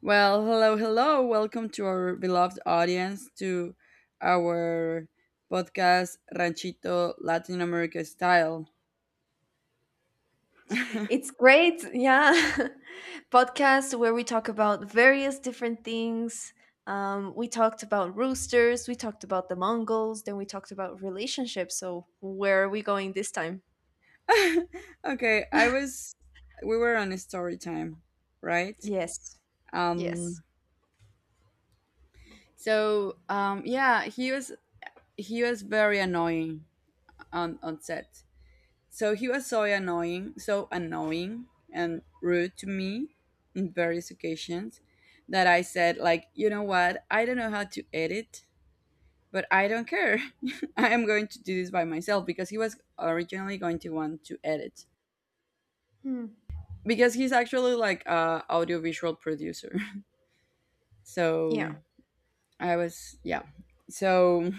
Well, hello, hello. Welcome to our beloved audience to our podcast Ranchito Latin America style. It's great, yeah. Podcast where we talk about various different things. We talked about roosters, we talked about the Mongols, then we talked about relationships. So, where are we going this time? okay, I was We were on a story time, right? Yes, yes. Um yeah, he was very annoying on set. So he was so annoying and rude to me in various occasions that I said like, you know what? I don't know how to edit, but I don't care. I am going to do this by myself because he was originally going to want to edit Hmm. because he's actually like a audiovisual producer. Yeah. So I was yeah. So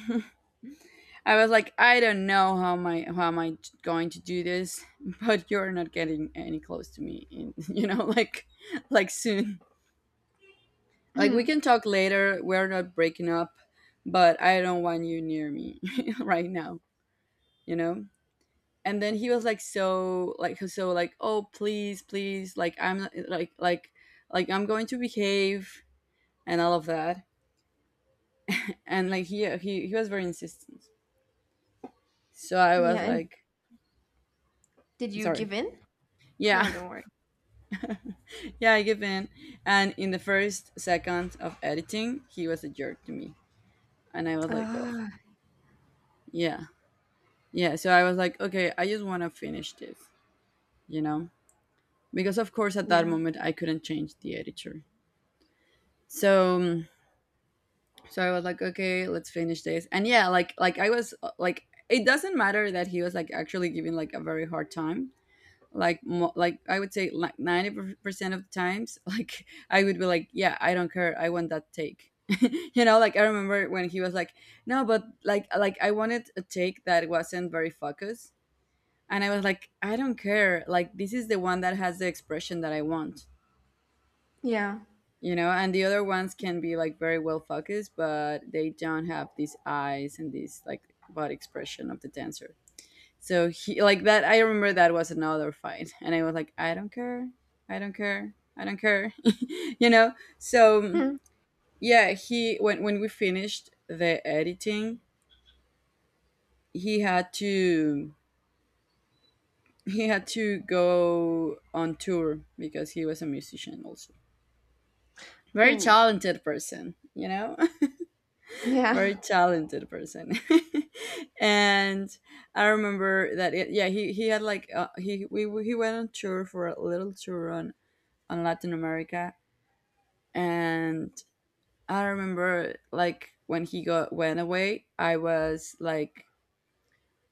I was like, I don't know how am I going to do this, but you're not getting any close to me. In, like soon. Like we Mhm. can talk later. We're not breaking up, but I don't want you near me right now. You know. And then he was like oh please please like I'm going to behave and all of that. And like he was very insistent. So I Yeah. was And like did you sorry. give in? Yeah. No, don't worry. Yeah, I give in. And in the first second of editing, he was a jerk to me. And I was like, oh, Ah, yeah. Yeah. So I was like, okay, I just want to finish this, you know? Because, of course, at that yeah. moment, I couldn't change the editor. So, um, so I was like, okay, let's finish this. And yeah, like I was like, it doesn't matter that he was like actually giving like a very hard time like I would say like 90% of the times like I would be like yeah I don't care I want that take you know like I remember when he was like no but like I wanted a take that wasn't very focused and I was like I don't care like this is the one that has the expression that I want. Yeah. You know, and the other ones can be like very well focused but they don't have these eyes and this like body expression of the dancer. So he like that. I remember that was another fight, and I was like, I don't care, I don't care, I don't care, you know. So Hmm. yeah, he when we finished the editing, he had to he had to go on tour because he was a musician also. Very Ooh. talented person, you know, very Yeah. talented person, and I remember that it, yeah he had like he went on tour for a little tour on Latin America. And I remember like when he got went away, I was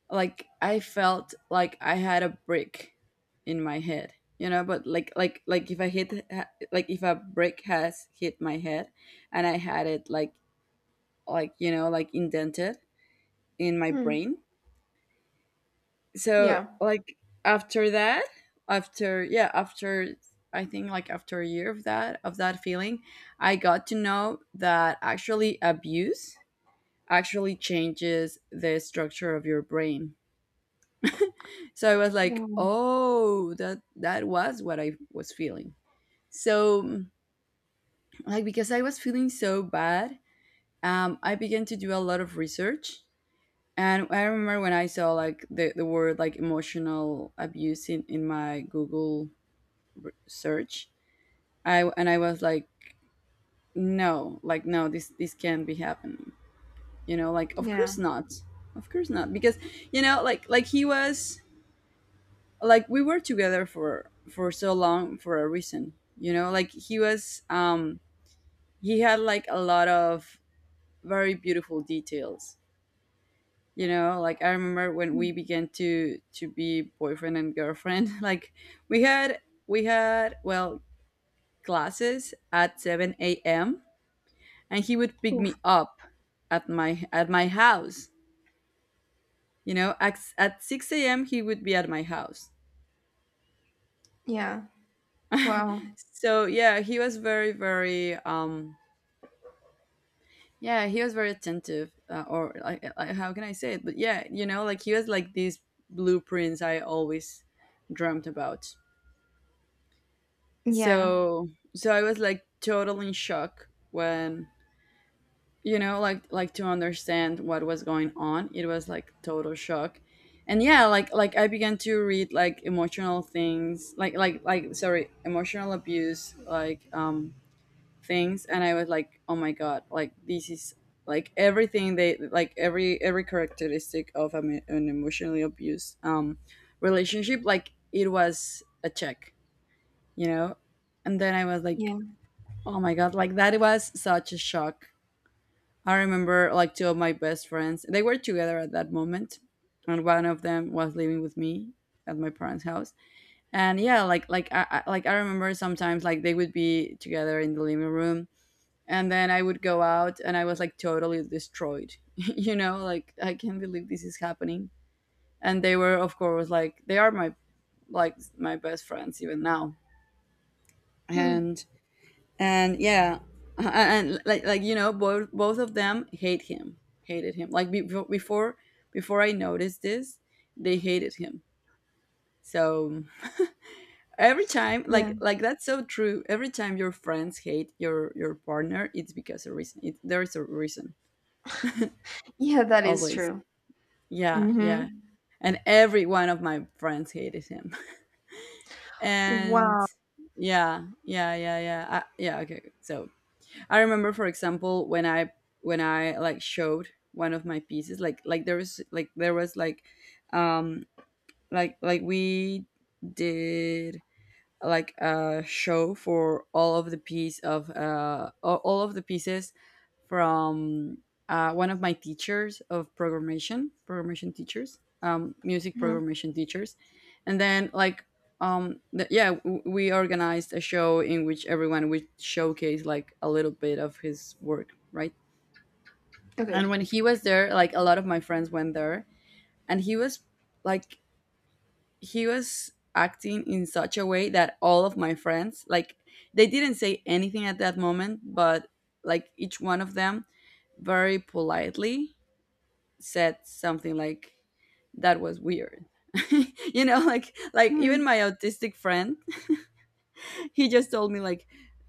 like I felt like I had a brick in my head, you know. But like if I hit like if a brick has hit my head, and I had it like you know like indented in my Hmm. brain, so Yeah. like after that after yeah after I think like after a year of that feeling I got to know that actually abuse actually changes the structure of your brain. So I was like Ooh. oh that was what I was feeling. So like because I was feeling so bad, I began to do a lot of research. And I remember when I saw like the word like emotional abuse in my Google search, I and I was like no this this can't be happening. You know, like of Yeah. course not, of course not because you know like he was like we were together for so long for a reason. You know, like he was he had like a lot of very beautiful details. You know like I remember when we Hmm. began to be boyfriend and girlfriend. Like we had we had well classes at 7 a.m. and he would pick Oof. me up at my house. You know at 6 a.m. he would be at my house. Yeah. Wow. So yeah he was very very yeah he was very attentive, or like how can I say it, but yeah you know like he was like these blueprints I always dreamt about. Yeah. So I was like totally in shock when, you know, like to understand what was going on it was like total shock. And yeah like I began to read like emotional things like sorry emotional abuse like things, and I was like oh my god like this is like everything they like every characteristic of an emotionally abused relationship, like it was a check. You know, and then I was Yeah. like oh my god like that was such a shock. I remember like two of my best friends. They were together at that moment, and one of them was living with me at my parents' house. And yeah, like I like I remember sometimes like they would be together in the living room, and then I would go out, and I was like totally destroyed. You know, like I can't believe this is happening. And they were, of course, like they are my like my best friends even now. Hmm. And and yeah and, like you know both of them hate him, hated him like before I noticed this, they hated him. So every time Yeah. Like that's so true every time your friends hate your partner it's because a reason, there is a reason Yeah, that is always. true. Yeah Hmm. yeah, and every one of my friends hated him. And Wow. yeah yeah yeah yeah yeah okay so I remember, for example, when I like showed one of my pieces, there was like um we did like a show for all of the piece of all of the pieces from one of my teachers of programmation, programmation teachers, music Hmm. programmation teachers, and then like, yeah, we organized a show in which everyone would showcase like a little bit of his work, right? Okay. And when he was there, like a lot of my friends went there, and he was like he was acting in such a way that all of my friends like they didn't say anything at that moment but like each one of them very politely said something like that was weird. You know like even Hmm. my autistic friend he just told me like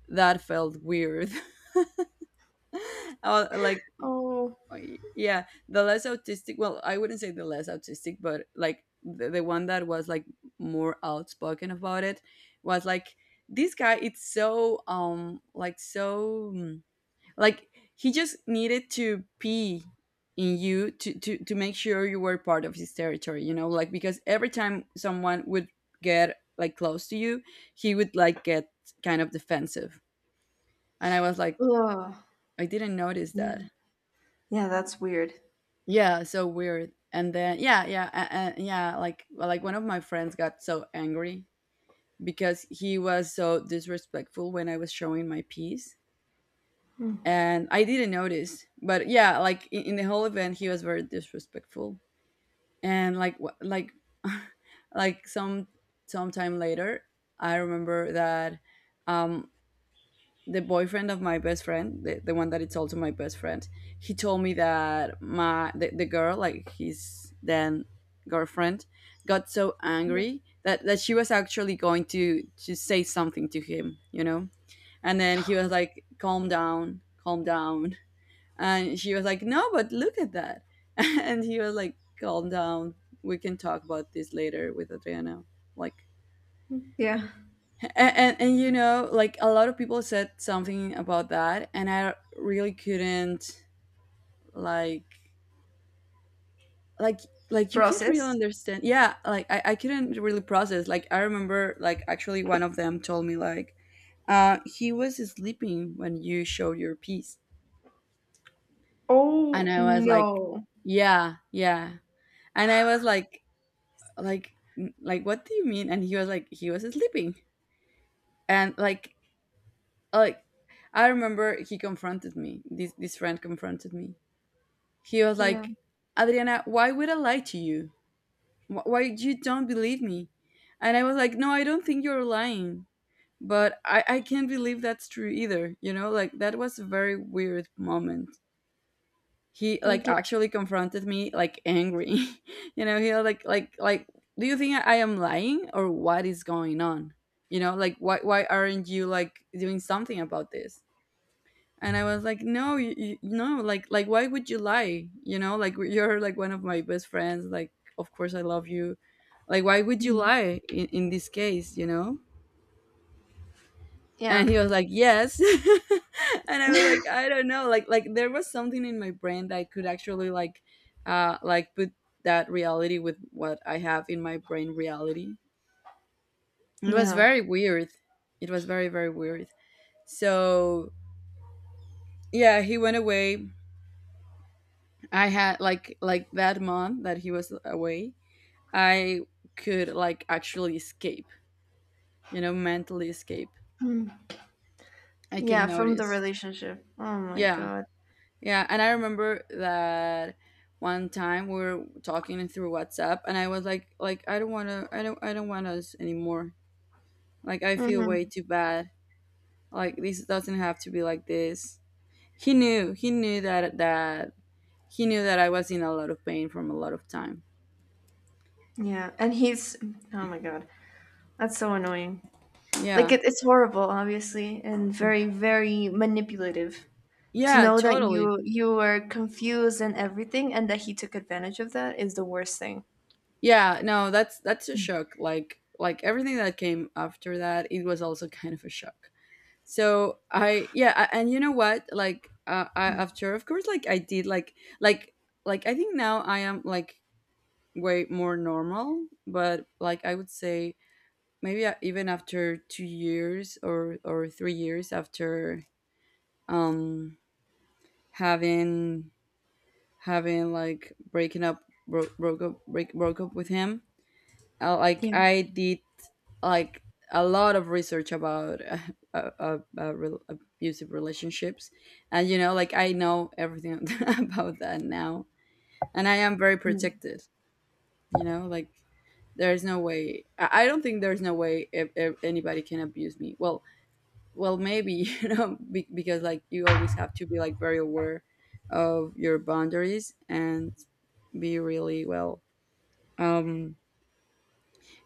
that felt weird. Like Oh. yeah the less autistic, well I wouldn't say the less autistic but like the one that was like more outspoken about it was like this guy it's so so like he just needed to pee in you to make sure you were part of his territory. You know like because every time someone would get like close to you he would like get kind of defensive. And I was like Ugh. I didn't notice Yeah. that. Yeah, that's weird. Yeah, so weird. And then yeah, yeah, yeah, like well, like one of my friends got so angry because he was so disrespectful when I was showing my piece. Hmm. And I didn't notice, but yeah, like in the whole event he was very disrespectful. And like some sometime later, I remember that um the boyfriend of my best friend, the one that it's also my best friend, he told me that the girl, like his then girlfriend, got so Yeah. angry that she was actually going to say something to him, you know? And then he was like, Calm down, calm down. And she was like, No, but look at that. And he was like, Calm down. We can talk about this later with Adriana. Like Yeah. And you know like a lot of people said something about that and I really couldn't like like like you can't really Process. understand. Yeah like I couldn't really process, like I remember like actually one of them told me like he was sleeping when you showed your piece. And Oh I was like no. yeah yeah. And I was like like what do you mean, and he was like he was sleeping. And like I remember he confronted me, this friend confronted me. He was like, Yeah. Adriana, why would I lie to you? Why you don't believe me? And I was like, no, I don't think you're lying. But I can't believe that's true either. You know, like that was a very weird moment. He like Okay. actually confronted me like angry. You know, he was like do you think I am lying or what is going on? Like why aren't you like doing something about this? And I was like, no, no, like why would you lie? Like you're like one of my best friends, like of course I love you. Like why would you Mhm. lie in this case? Yeah. And he was like, yes. And I was like, I don't know, like there was something in my brain that I could actually, like, like put that reality with what I have in my brain reality. It was Yeah. very weird. It was very very weird. So yeah, he went away. I had, like that month that he was away, I could like actually escape, mentally escape. I could Yeah. From the notice. relationship. Oh my Yeah. god. Yeah, and I remember that one time we were talking through WhatsApp, and I was like, I don't want to, I don't want us anymore. Like I feel way Hmm. too bad. Like this doesn't have to be like this. He knew. He knew that he knew that I was in a lot of pain from a lot of time. Yeah. And he's. Oh my god. That's so annoying. Like Yeah. it's horrible, obviously, and very, very manipulative. To Yeah, know that totally. you were confused and everything, and that he took advantage of that is the worst thing. Yeah, no, that's a shock. Like everything that came after that, it was also kind of a shock. So I yeah, and you know what? Like I after of course, like I did, like like I think now I am like way more normal, but like I would say maybe, even after 2 years or 3 years after, um having having like, breaking up, broke up with him, like Yeah. I did, like, a lot of research about, rel abusive relationships. And like I know everything about that now, and I am very Mm. protected. You know, there's no way. I don't think there's no way if anybody can abuse me. Well, maybe. Because like you always have to be like very aware of your boundaries and be really well. Um,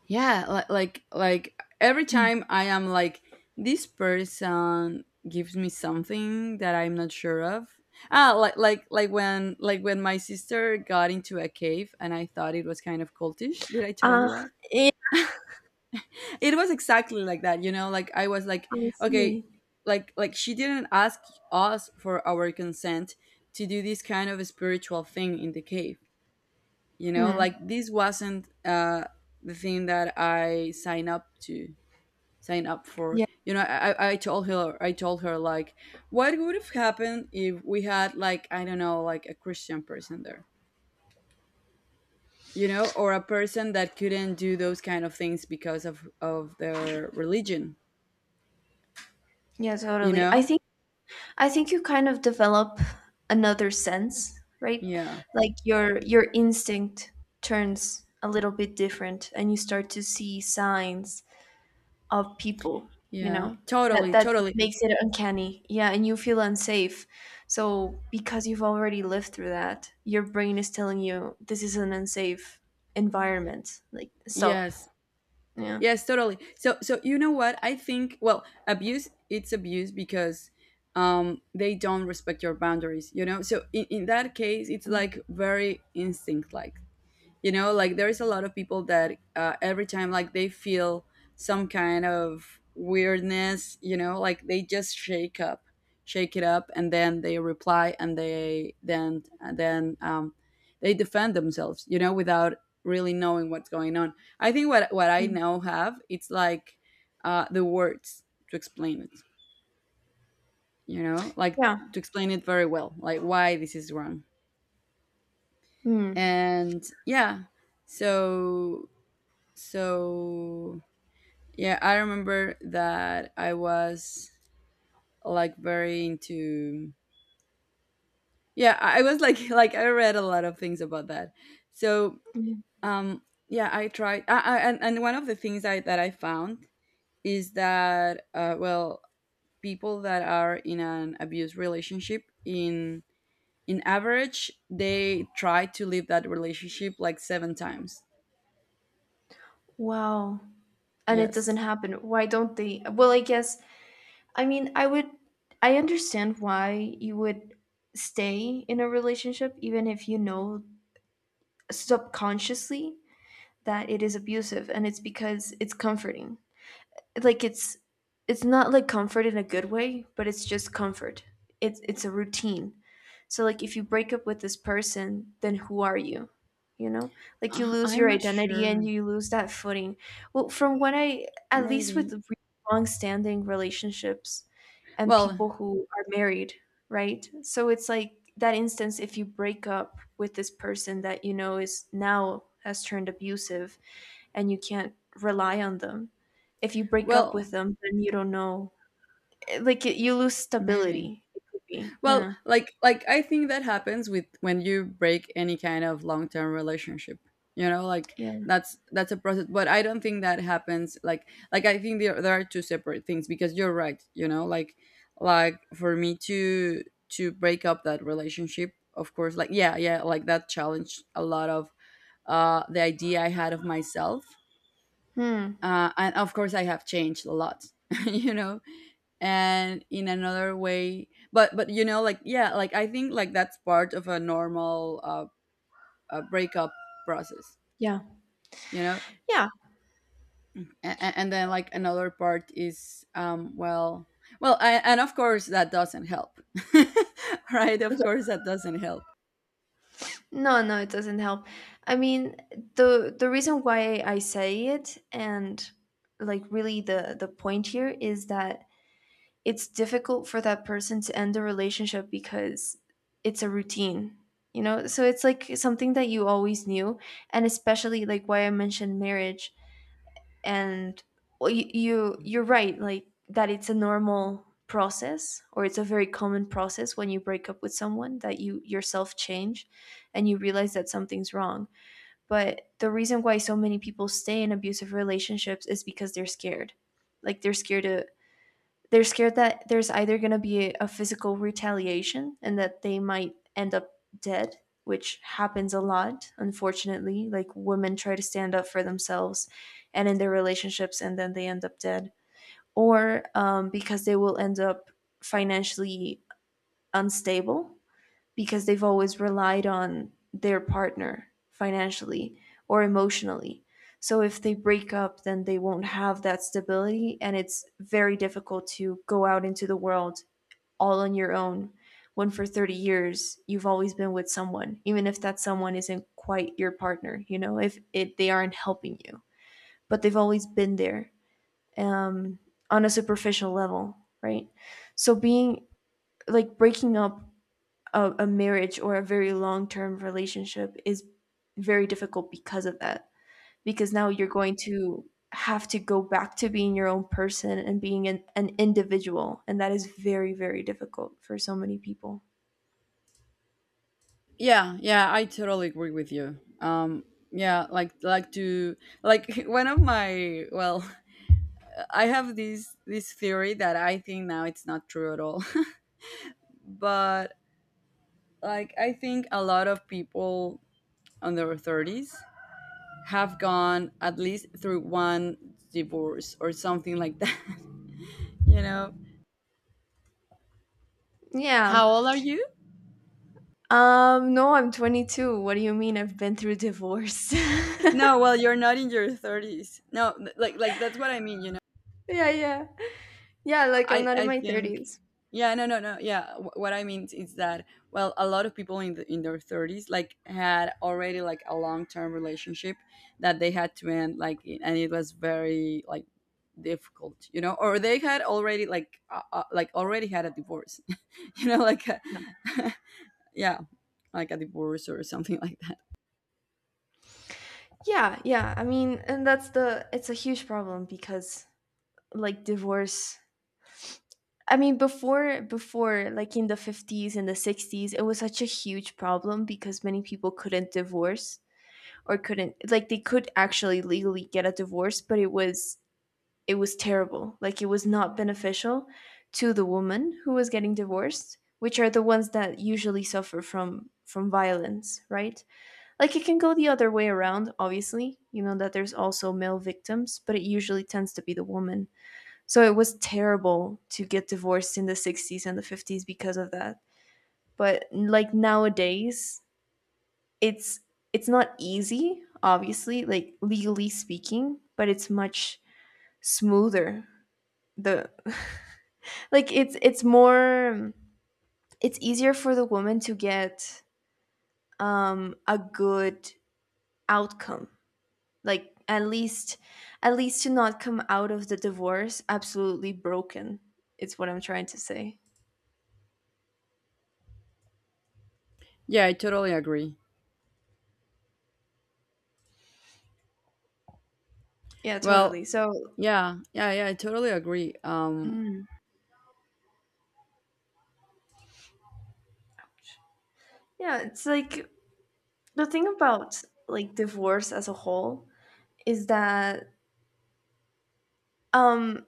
yeah, like every time I am like, this person gives me something that I'm not sure of. Like when my sister got into a cave and I thought it was kind of cultish. Did I tell Ah, you that? yeah, It was exactly like that, like I was like, I okay. see. Like she didn't ask us for our consent to do this kind of a spiritual thing in the cave, like Hmm. this wasn't, the thing that I, sign up for Yeah. you know I told her, like, what would have happened if we had, like, I don't know, like a Christian person there? You know, or a person that couldn't do those kind of things because of their religion Yeah, you totally. I know think I think you kind of develop another sense, right? yeah, Like your instinct turns a little bit different and you start to see signs of people, you yeah, know? That totally, that just totally. makes it uncanny. Yeah, and you feel unsafe. So because you've already lived through that, your brain is telling you this is an unsafe environment. Like stop. Yes, Yeah. yes, totally. So you know what I think? Well, abuse it's abuse because, they don't respect your boundaries, so in that case it's Mm, like very instinct. Like, like there is a lot of people that, every time like they feel some kind of weirdness, like they just shake it up, and then they reply, and they then and then, they defend themselves, without really knowing what's going on. I think what I mm. now have it's like, the words to explain it, like, Yeah. to explain it very well. Like why this is wrong. Mm. And yeah. so So, yeah, I remember that I was like very into. Yeah, I was like, like I read a lot of things about that. So, Yeah. um yeah, I tried I, and one of the things, I that I found is that, well, people that are in an abuse relationship in average they try to leave that relationship like seven times. Wow. And it doesn't Yes. happen. Why don't they? Well, I mean, I would I understand why you would stay in a relationship even if you know subconsciously that it is abusive, and it's because it's comforting. Like it's not like comfort in a good way, but it's just comfort. It's a routine. So like if you break up with this person, then who are you? You know? Like you lose your I'm not identity and sure. you lose that footing. Well, from what I at least with Maybe. Long-standing relationships and Well, people who are married, right? So it's like that instance if you break up with this person that you know is now has turned abusive and you can't rely on them. If you break up well, with them, then you don't know. You lose maybe. stability. It could be. Well, Yeah. like I think that happens with when you break any kind of long-term relationship. You know, like Yeah. that's a process, but I don't think that happens, like I think there are two separate things, because you're right, you know, like, for me to break up that relationship, of course, like yeah, yeah, like that challenged a lot of, the idea I had of myself. Hmm. And of course I have changed a lot, you know, and in another way, but you know, like yeah, like I think like that's part of a normal, breakup process Yeah. you know Yeah. and then, like, another part is, well, and of course that doesn't help. Right, of Okay. course that doesn't help. No, no, it doesn't help. I mean, the reason why I say it and like really the point here is that it's difficult for that person to end a relationship because it's a routine. You know, so it's like something that you always knew, and especially like why I mentioned marriage and well, you're right like that it's a normal process, or it's a very common process when you break up with someone that you yourself change and you realize that something's wrong. But the reason why so many people stay in abusive relationships is because they're scared. Like they're scared that there's either going to be a physical retaliation and that they might end up dead, which happens a lot, unfortunately. Like women try to stand up for themselves and in their relationships, and then they end up dead. Or because they will end up financially unstable because they've always relied on their partner financially or emotionally. So if they break up, then they won't have that stability, and it's very difficult to go out into the world all on your own when for 30 years you've always been with someone, even if that someone isn't quite your partner, you know, if they aren't helping you, but they've always been there um, on a superficial level, right? So being like breaking up a marriage or a very long term relationship is very difficult because of that. Because now you're going to have to go back to being your own person and being an individual. And that is very, very difficult for so many people. Yeah, yeah, I totally agree with you. Yeah, like to, like, one of my, well, I have this theory that I think now it's not true at all. But like I think a lot of people on their 30s have gone at least through one divorce or something like that, you know. Yeah. How old are you? No, I'm 22. What do you mean I've been through divorce? Yeah, No, well, you're not in your 30s. No, like that's what I mean, you know. yeah. Yeah, like I'm I not in I my think, 30s. yeah, no, no, no, yeah, what I mean is that, well, a lot of people in in their 30s like had already like a long-term relationship that they had to end, like, and it was very, like, difficult, you know. Or they had already, like, like already had a divorce. You know, like Yeah. yeah, like a divorce or something, like that. Yeah, yeah. I mean, and that's the it's a huge problem because like divorce. I mean, before like in the 50s and the 60s, it was such a huge problem because many people couldn't divorce, or couldn't like they could actually legally get a divorce, but it was terrible. Like it was not beneficial to the woman who was getting divorced, which are the ones that usually suffer from violence, right? Like it can go the other way around, obviously. You know that there's also male victims, but it usually tends to be the woman. So it was terrible to get divorced in the 60s and the 50s because of that. But like nowadays, it's it's not easy, obviously, like legally speaking, but it's much smoother. The like it's easier for the woman to get a good outcome. Like at least to not come out of the divorce absolutely broken. It's what I'm trying to say. Yeah, I totally agree. Yeah, Well, totally. So yeah, yeah, yeah, I totally agree. Mm. Yeah, it's like the thing about like divorce as a whole is that um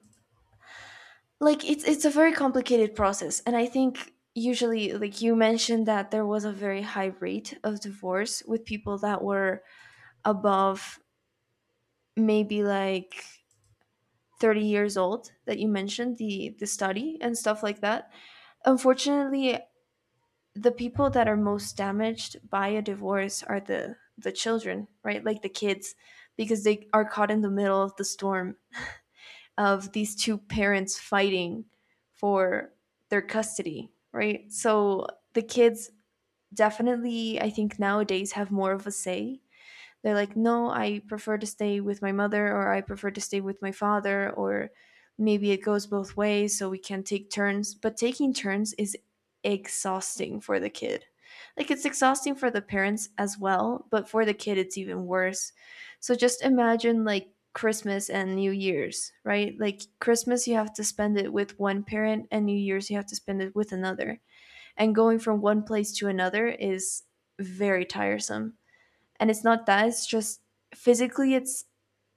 like it's a very complicated process, and I think usually like you mentioned that there was a very high rate of divorce with people that were above maybe like 30 years old that you mentioned the study and stuff like that. Unfortunately, the people that are most damaged by a divorce are the children, right? Like the kids, because they are caught in the middle of the storm of these two parents fighting for their custody, right? So the kids definitely, I think nowadays have more of a say. They're like, no, I prefer to stay with my mother, or I prefer to stay with my father, or maybe it goes both ways so we can take turns. But taking turns is exhausting for the kid. Like it's exhausting for the parents as well, but for the kid it's even worse. So just imagine like Christmas and New Year's, right? Like Christmas you have to spend it with one parent, and New Year's you have to spend it with another. And going from one place to another is very tiresome. And it's not that it's just physically it's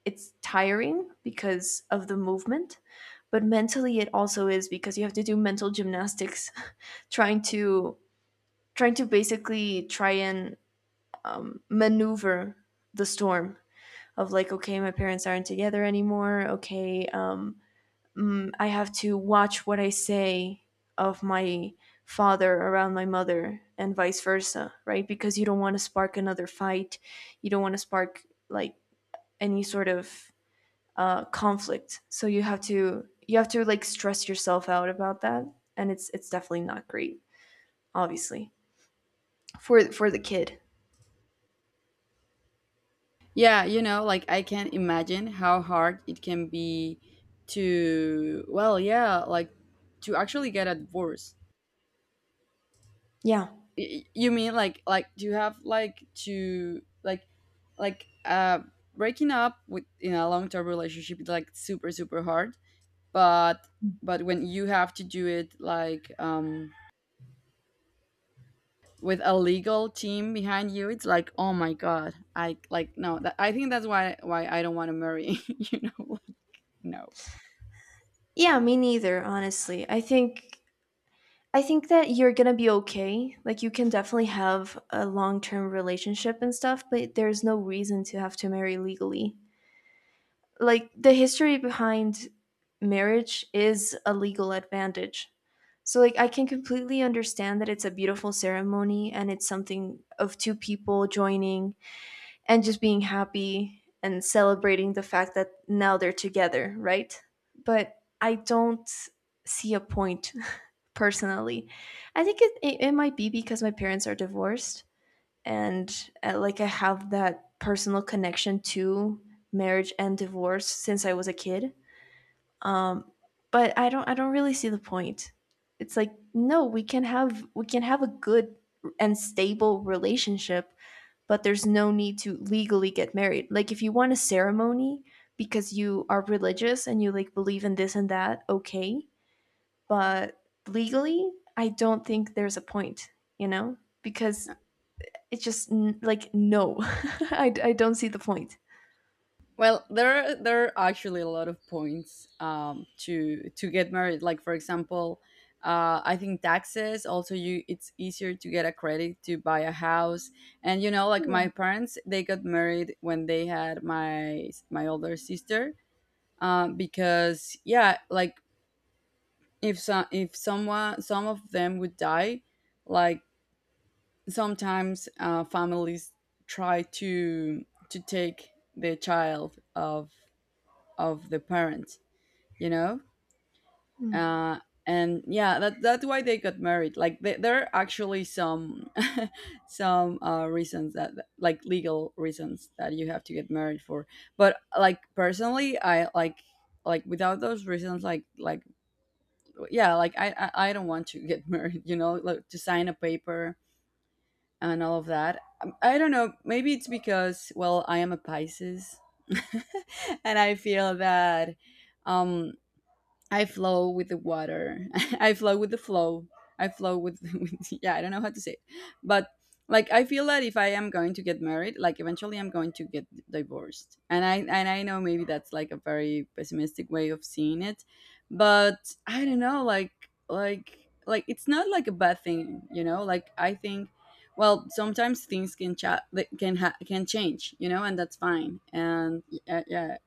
it's tiring because of the movement, but mentally it also is because you have to do mental gymnastics trying to trying to basically try and maneuver the storm of like, okay, my parents aren't together anymore, okay, I have to watch what I say of my father around my mother and vice versa, right? Because you don't want to spark another fight. You don't want to spark like any sort of conflict. So you have to like stress yourself out about that, and it's definitely not great, obviously, for the kid. Yeah, like I can imagine how hard it can be to, well, yeah, like to actually get a divorce. Yeah, Y- You mean, like to have, like, to, like uh breaking up with in a long-term relationship is like super super hard, but but when you have to do it, like, with a legal team behind you, it's like, oh my God, I like no, that, I think that's why I don't want to marry, you know, like, no. yeah, me neither. Honestly, I think that you're gonna be okay. Like you can definitely have a long term relationship and stuff, but there's no reason to have to marry legally. Like the history behind marriage is a legal advantage. So like I can completely understand that it's a beautiful ceremony and it's something of two people joining and just being happy and celebrating the fact that now they're together, right? But I don't see a point personally. I think it might be because my parents are divorced and like I have that personal connection to marriage and divorce since I was a kid. Um, but I don't really see the point. It's like no, we can have a good and stable relationship, but there's no need to legally get married. Like if you want a ceremony because you are religious and you like believe in this and that, okay, but legally, I don't think there's a point, you know, because it's just like no, I don't see the point. Well, there are actually a lot of points, to get married. Like, for example, I think taxes. Also, you it's easier to get a credit to buy a house. And like my Yeah. parents, they got married when they had my older sister. Because yeah, like if some of them would die, like sometimes, families try to take the child of the parents, you know. Mm. uh and yeah, that that's why they got married, like th there are actually some some, reasons that, like, legal reasons that you have to get married for. But like personally I like, without those reasons, like yeah, like, I don't want to get married, you know, like, to sign a paper and all of that. I don't know, maybe it's because, well, I am a Pisces. And I feel that, um I flow with the water. I flow with the flow. I flow with, with, yeah, I don't know how to say it. But like I feel that if I am going to get married, like eventually I'm going to get divorced. And I know, maybe that's like a very pessimistic way of seeing it, but I don't know, like it's not like a bad thing, you know? Like I think, well, sometimes things can, like, can change, you know, and that's fine. And yeah, yeah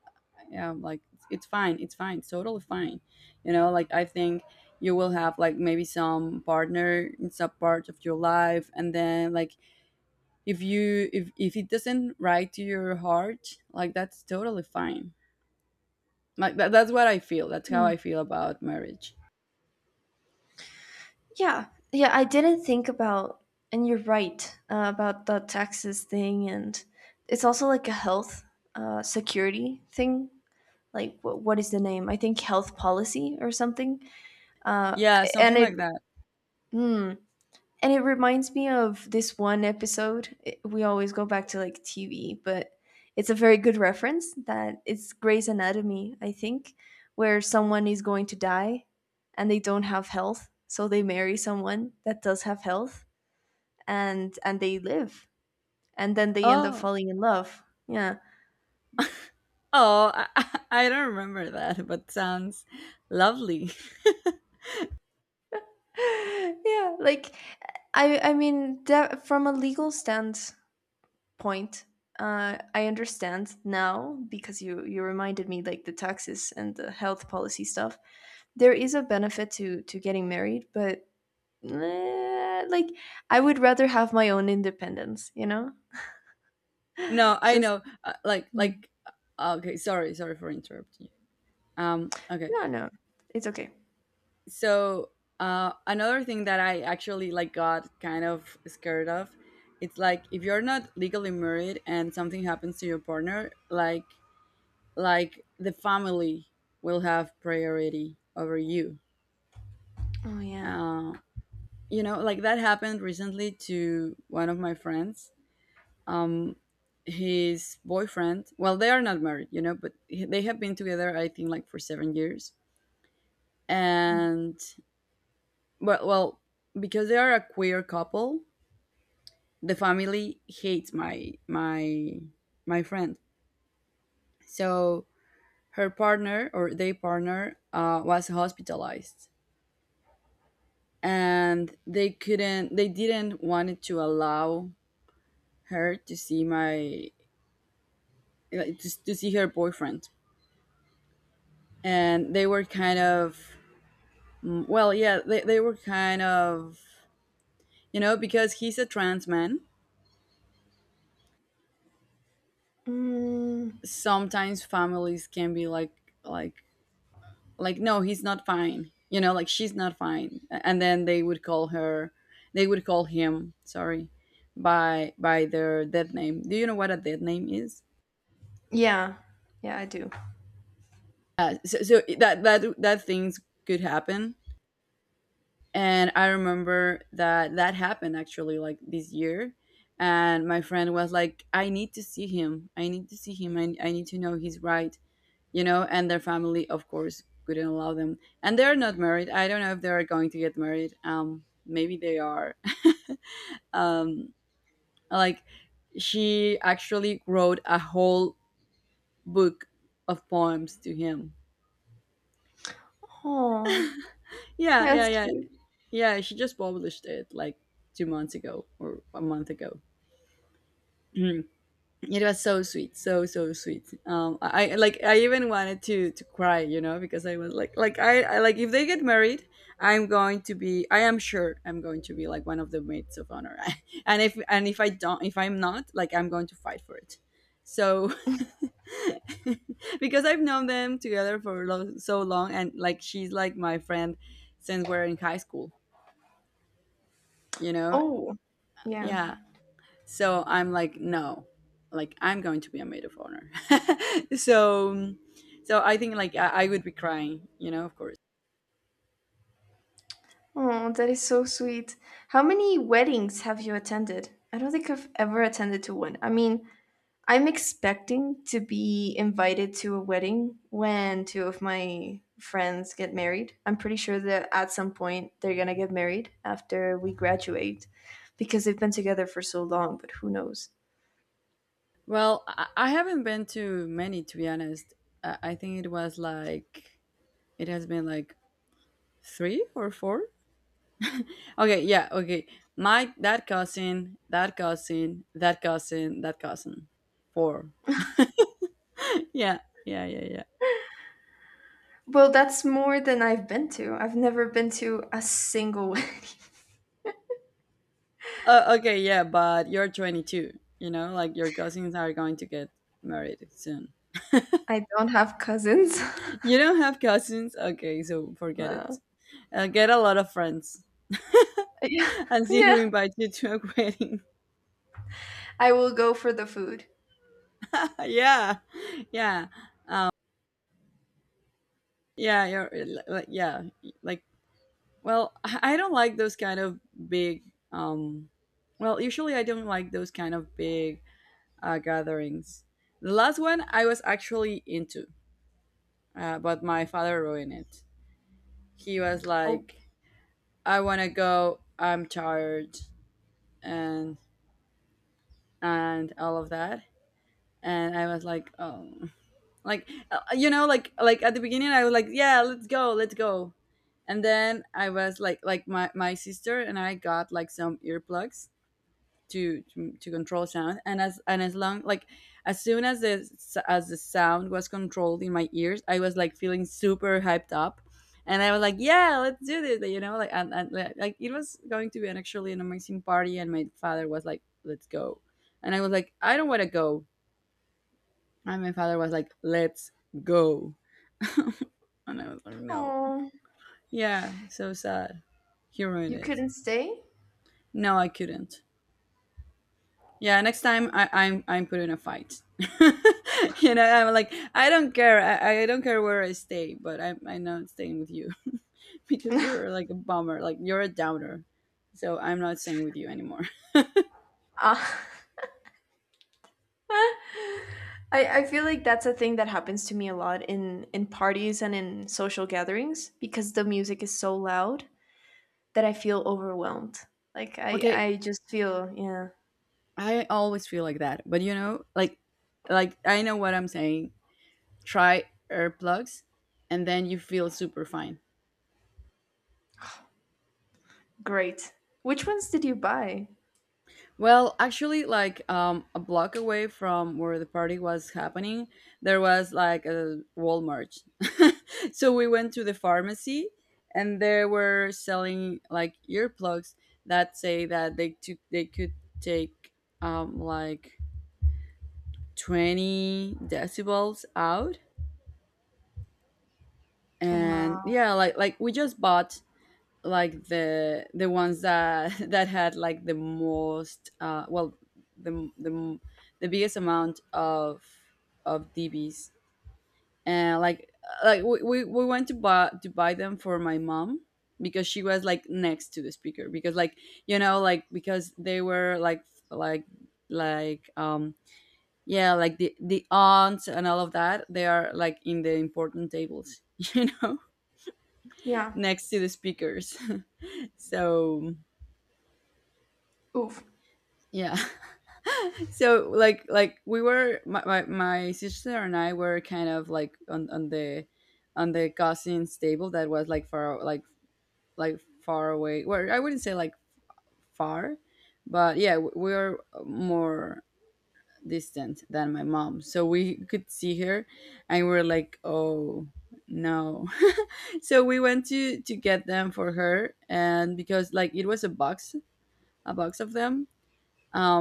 yeah like it's fine, it's totally fine. You know like I think You will have like maybe some partner in some part of your life, and then like if you if it doesn't right to your heart, like that's totally fine. Like that's what I feel, that's how Mm. I feel about marriage. Yeah, yeah, I didn't think about, and you're right about the taxes thing, and it's also like a health security thing. Like, what is the name? I think health policy or something. Uh, Yeah, and something it, like that. mm, And it reminds me of this one episode. We always go back to like TV, but it's a very good reference that it's Grey's Anatomy, I think, where someone is going to die and they don't have health. So they marry someone that does have health, and they live. And then they end up Oh. falling in love. Yeah. I don't remember that, but sounds lovely. Yeah, like I mean that from a legal stand point. I understand now because you reminded me like the taxes and the health policy stuff. There is a benefit to getting married, but like I would rather have my own independence. You know, No I just know, like no, like okay, sorry for interrupting you. Um okay. no, it's okay. So another thing that I actually like got kind of scared of, it's like if you're not legally married and something happens to your partner, like the family will have priority over you. Oh yeah, uh, you know, like that happened recently to one of my friends. Um, his boyfriend, well they are not married you know, but they have been together I think like for 7 years. And well, because they are a queer couple, the family hates my my friend. So her partner or their partner was hospitalized, and they didn't want to allow her to see my, to see her boyfriend. And they were kind of, well, yeah, they were kind of, you know, because he's a trans man. mm, Sometimes families can be like, like like no, he's not fine, you know, like she's not fine, and then they would call her, they would call him, sorry, by their dead name. Do you know what a dead name is? yeah, yeah. I do. So that that things could happen. And I remember that that happened actually like this year, and my friend was like, I need to see him, I need to see him, I need to know he's right, you know. And their family, of course, couldn't allow them. And they're not married. I don't know if they're going to get married. Maybe they are. um, like, she actually wrote a whole book of poems to him. Oh, Yeah, yeah, that's yeah. cute. yeah. she just published it like 2 months ago or a month ago. It was so sweet, so so sweet. Like, I even wanted to cry, you know, because I was like, I like, if they get married, I am sure I'm going to be like one of the maids of honor. And if I don't, if I'm not, like I'm going to fight for it. So because I've known them together for so long, and like she's like my friend since we're in high school, you know. Oh, yeah. Yeah, so I'm like, no, like I'm going to be a maid of honor. So, so I think like I would be crying, you know, of course. Oh, that is so sweet. How many weddings have you attended? I don't think I've ever attended to one. I'm expecting to be invited to a wedding when two of my friends get married. I'm pretty sure that at some point they're going to get married after we graduate because they've been together for so long, but who knows? Well, I haven't been to many, to be honest. I think it was like, it has been like three or four. Okay. Yeah. Okay. My, that cousin. Four. Yeah. Yeah. Yeah. Yeah. Well, that's more than I've been to. I've never been to a single wedding. Okay. Yeah. But you're 22, you know, like your cousins are going to get married soon. I don't have cousins. You don't have cousins? Okay, so forget it. No. Get a lot of friends, Yeah. and see who Yeah. invites you to a wedding. I will go for the food. Yeah, yeah, um, yeah. Like, yeah, like, well, I don't like those kind of big. Um, well, usually I don't like those kind of big gatherings. The last one I was actually into, but my father ruined it. He was Oh, like, "I want to go. I'm tired," and and all of that. And I was like, oh, like you know, like at the beginning, I was like, yeah, let's go, let's go. And then I was like my sister and I got like some earplugs to to control sound. And as and as long like as soon as as the sound was controlled in my ears, I was like feeling super hyped up. And I was like, "Yeah, let's do this," you know, like, and like, it was going to be an actually an amazing party. And my father was like, "Let's go," and I was like, "I don't want to go." And my father was like, let's go. And I was like, no. aw, Yeah, so sad. He ruined you it. couldn't stay? No, I couldn't. Yeah, next time I'm put in a fight. You know, I'm like, I don't care. I don't care where I stay, but I'm not staying with you. Because you're like a bummer. Like you're a downer. So I'm not staying with you anymore. Uh, I feel like that's a thing that happens to me a lot in parties and in social gatherings because the music is so loud that I feel overwhelmed. Like, I, Okay, I just feel, yeah, I always feel like that. But you know, like I know what I'm saying. Try earplugs, and then you feel super fine. great. Which ones did you buy? Well, actually, like a block away from where the party was happening, there was like a Walmart. So we went to the pharmacy, and they were selling like earplugs that say that they could take like 20 decibels out. And Wow. yeah, like we just bought like the ones that that had like the most, well the the, the biggest amount of DBs. And like we went to buy them for my mom, because she was like next to the speaker, because like, you know, like because they were like like, um, yeah, like the aunts and all of that, they are like in the important tables. You know, Yeah. next to the speakers. So Oof. yeah. So like we were, my my sister and I, were kind of like on on the cousins table, that was like far, like far away. Well, I wouldn't say like far, but yeah, we were more distant than my mom. So we could see her, and we were like, "Oh, no." So we went to get them for her. And because like it was a box, a box of them,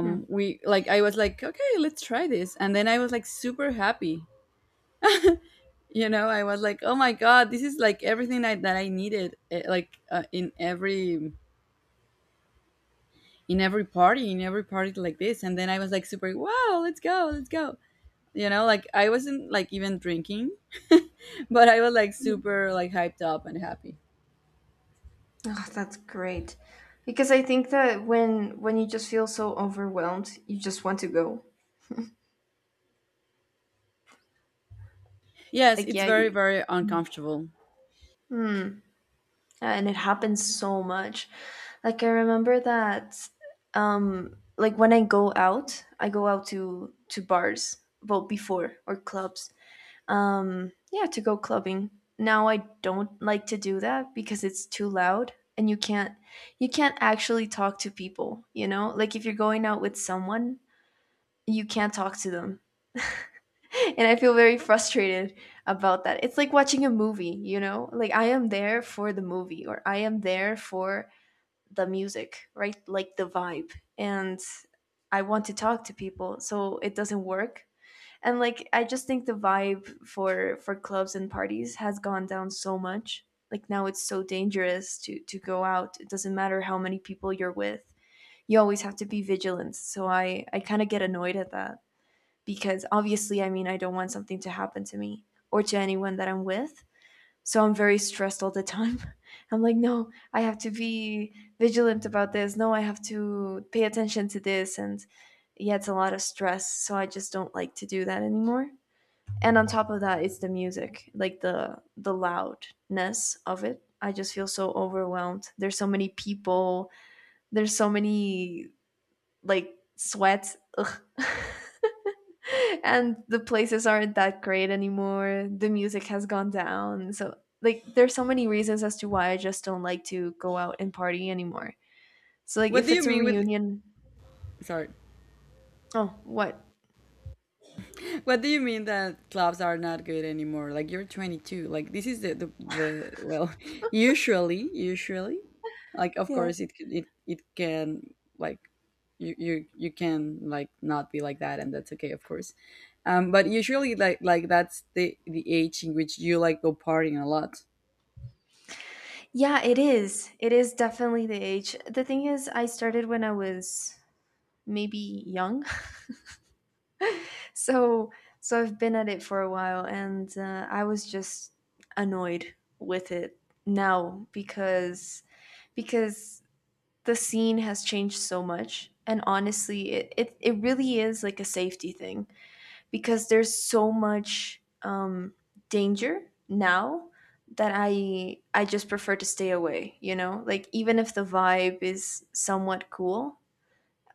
Hmm. we like, I was like, okay, let's try this. And then I was like super happy. You know, I was like, oh my god, this is like everything that I needed, like in every in every party like this. And then I was like, super wow, let's go, let's go, you know, like I wasn't like even drinking. But I was like super like hyped up and happy. Oh, that's great. Because I think that when you just feel so overwhelmed, you just want to go. Yes, Like, it's yeah, very very uncomfortable. and it happens so much. Like I remember that like when I go out to bars, well before or clubs. Yeah, to go clubbing. Now I don't like to do that because it's too loud and you can't actually talk to people, you know? Like if you're going out with someone, you can't talk to them. And I feel very frustrated about that. It's like watching a movie, you know? Like I am there for the movie or I am there for the music, right? Like the vibe. And I want to talk to people, so it doesn't work. And like I just think the vibe for clubs and parties has gone down so much. Like now it's so dangerous to go out. It doesn't matter how many people you're with. You always have to be vigilant. So I kind of get annoyed at that because obviously, I don't want something to happen to me or to anyone that I'm with. So I'm very stressed all the time. I'm like, no, I have to be vigilant about this. No, I have to pay attention to this. And yeah, it's a lot of stress. So I just don't like to do that anymore. And on top of that, it's the music, like the loudness of it. I just feel so overwhelmed. There's so many people. There's so many like sweat. Ugh. And the places aren't that great anymore. The music has gone down. So like there's so many reasons as to why I just don't like to go out and party anymore. So like What if do you it's a mean with, reunion, sorry, oh, what? what do you mean that clubs are not good anymore? Like you're 22. Like this is the, well, usually, usually, like of Yeah. course it it can like, you you can like not be like that, and that's okay, of course. But usually, like that's the age in which you like go partying a lot. Yeah, it is. It is definitely the age. The thing is I started when I was maybe young. so so I've been at it for a while, and I was just annoyed with it now because the scene has changed so much, and honestly it really is like a safety thing because there's so much danger now that I just prefer to stay away, you know, like even if the vibe is somewhat cool,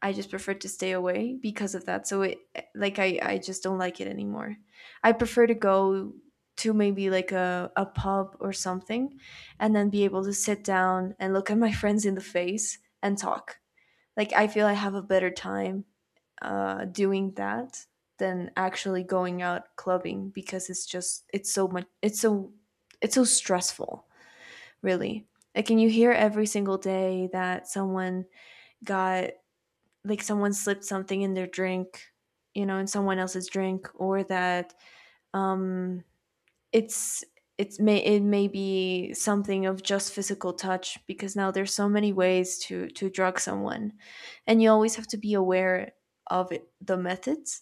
I just prefer to stay away because of that. So it like I just don't like it anymore. I prefer to go to maybe like a pub or something and then be able to sit down and look at my friends in the face and talk. Like I feel I have a better time doing that than actually going out clubbing because it's just it's so much it's so stressful, really. Like can you hear every single day that someone got like someone slipped something in their drink, you know, in someone else's drink? Or that um it's it's may it may be something of just physical touch because now there's so many ways to drug someone, and you always have to be aware of it, the methods,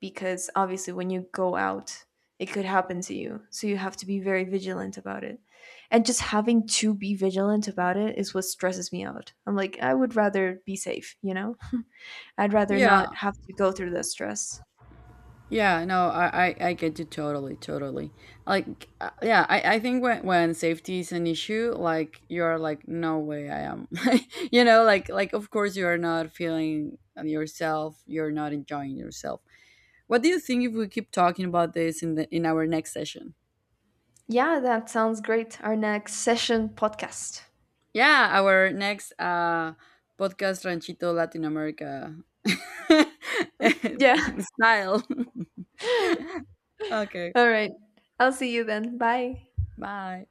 because obviously when you go out it could happen to you, so you have to be very vigilant about it. And just having to be vigilant about it is what stresses me out. I'm like, I would rather be safe, you know? I'd rather Yeah. not have to go through that stress. Yeah, no, I get you totally, totally. Like, yeah, I think when safety is an issue, like you're like, no way, I am, you know, like of course you are not feeling yourself, you're not enjoying yourself. What do you think if we keep talking about this in the in our next session? Yeah, that sounds great. Our next session podcast. Yeah, our next podcast Ranchito Latin America Yeah. style. Okay, All right. I'll see you then. Bye. bye.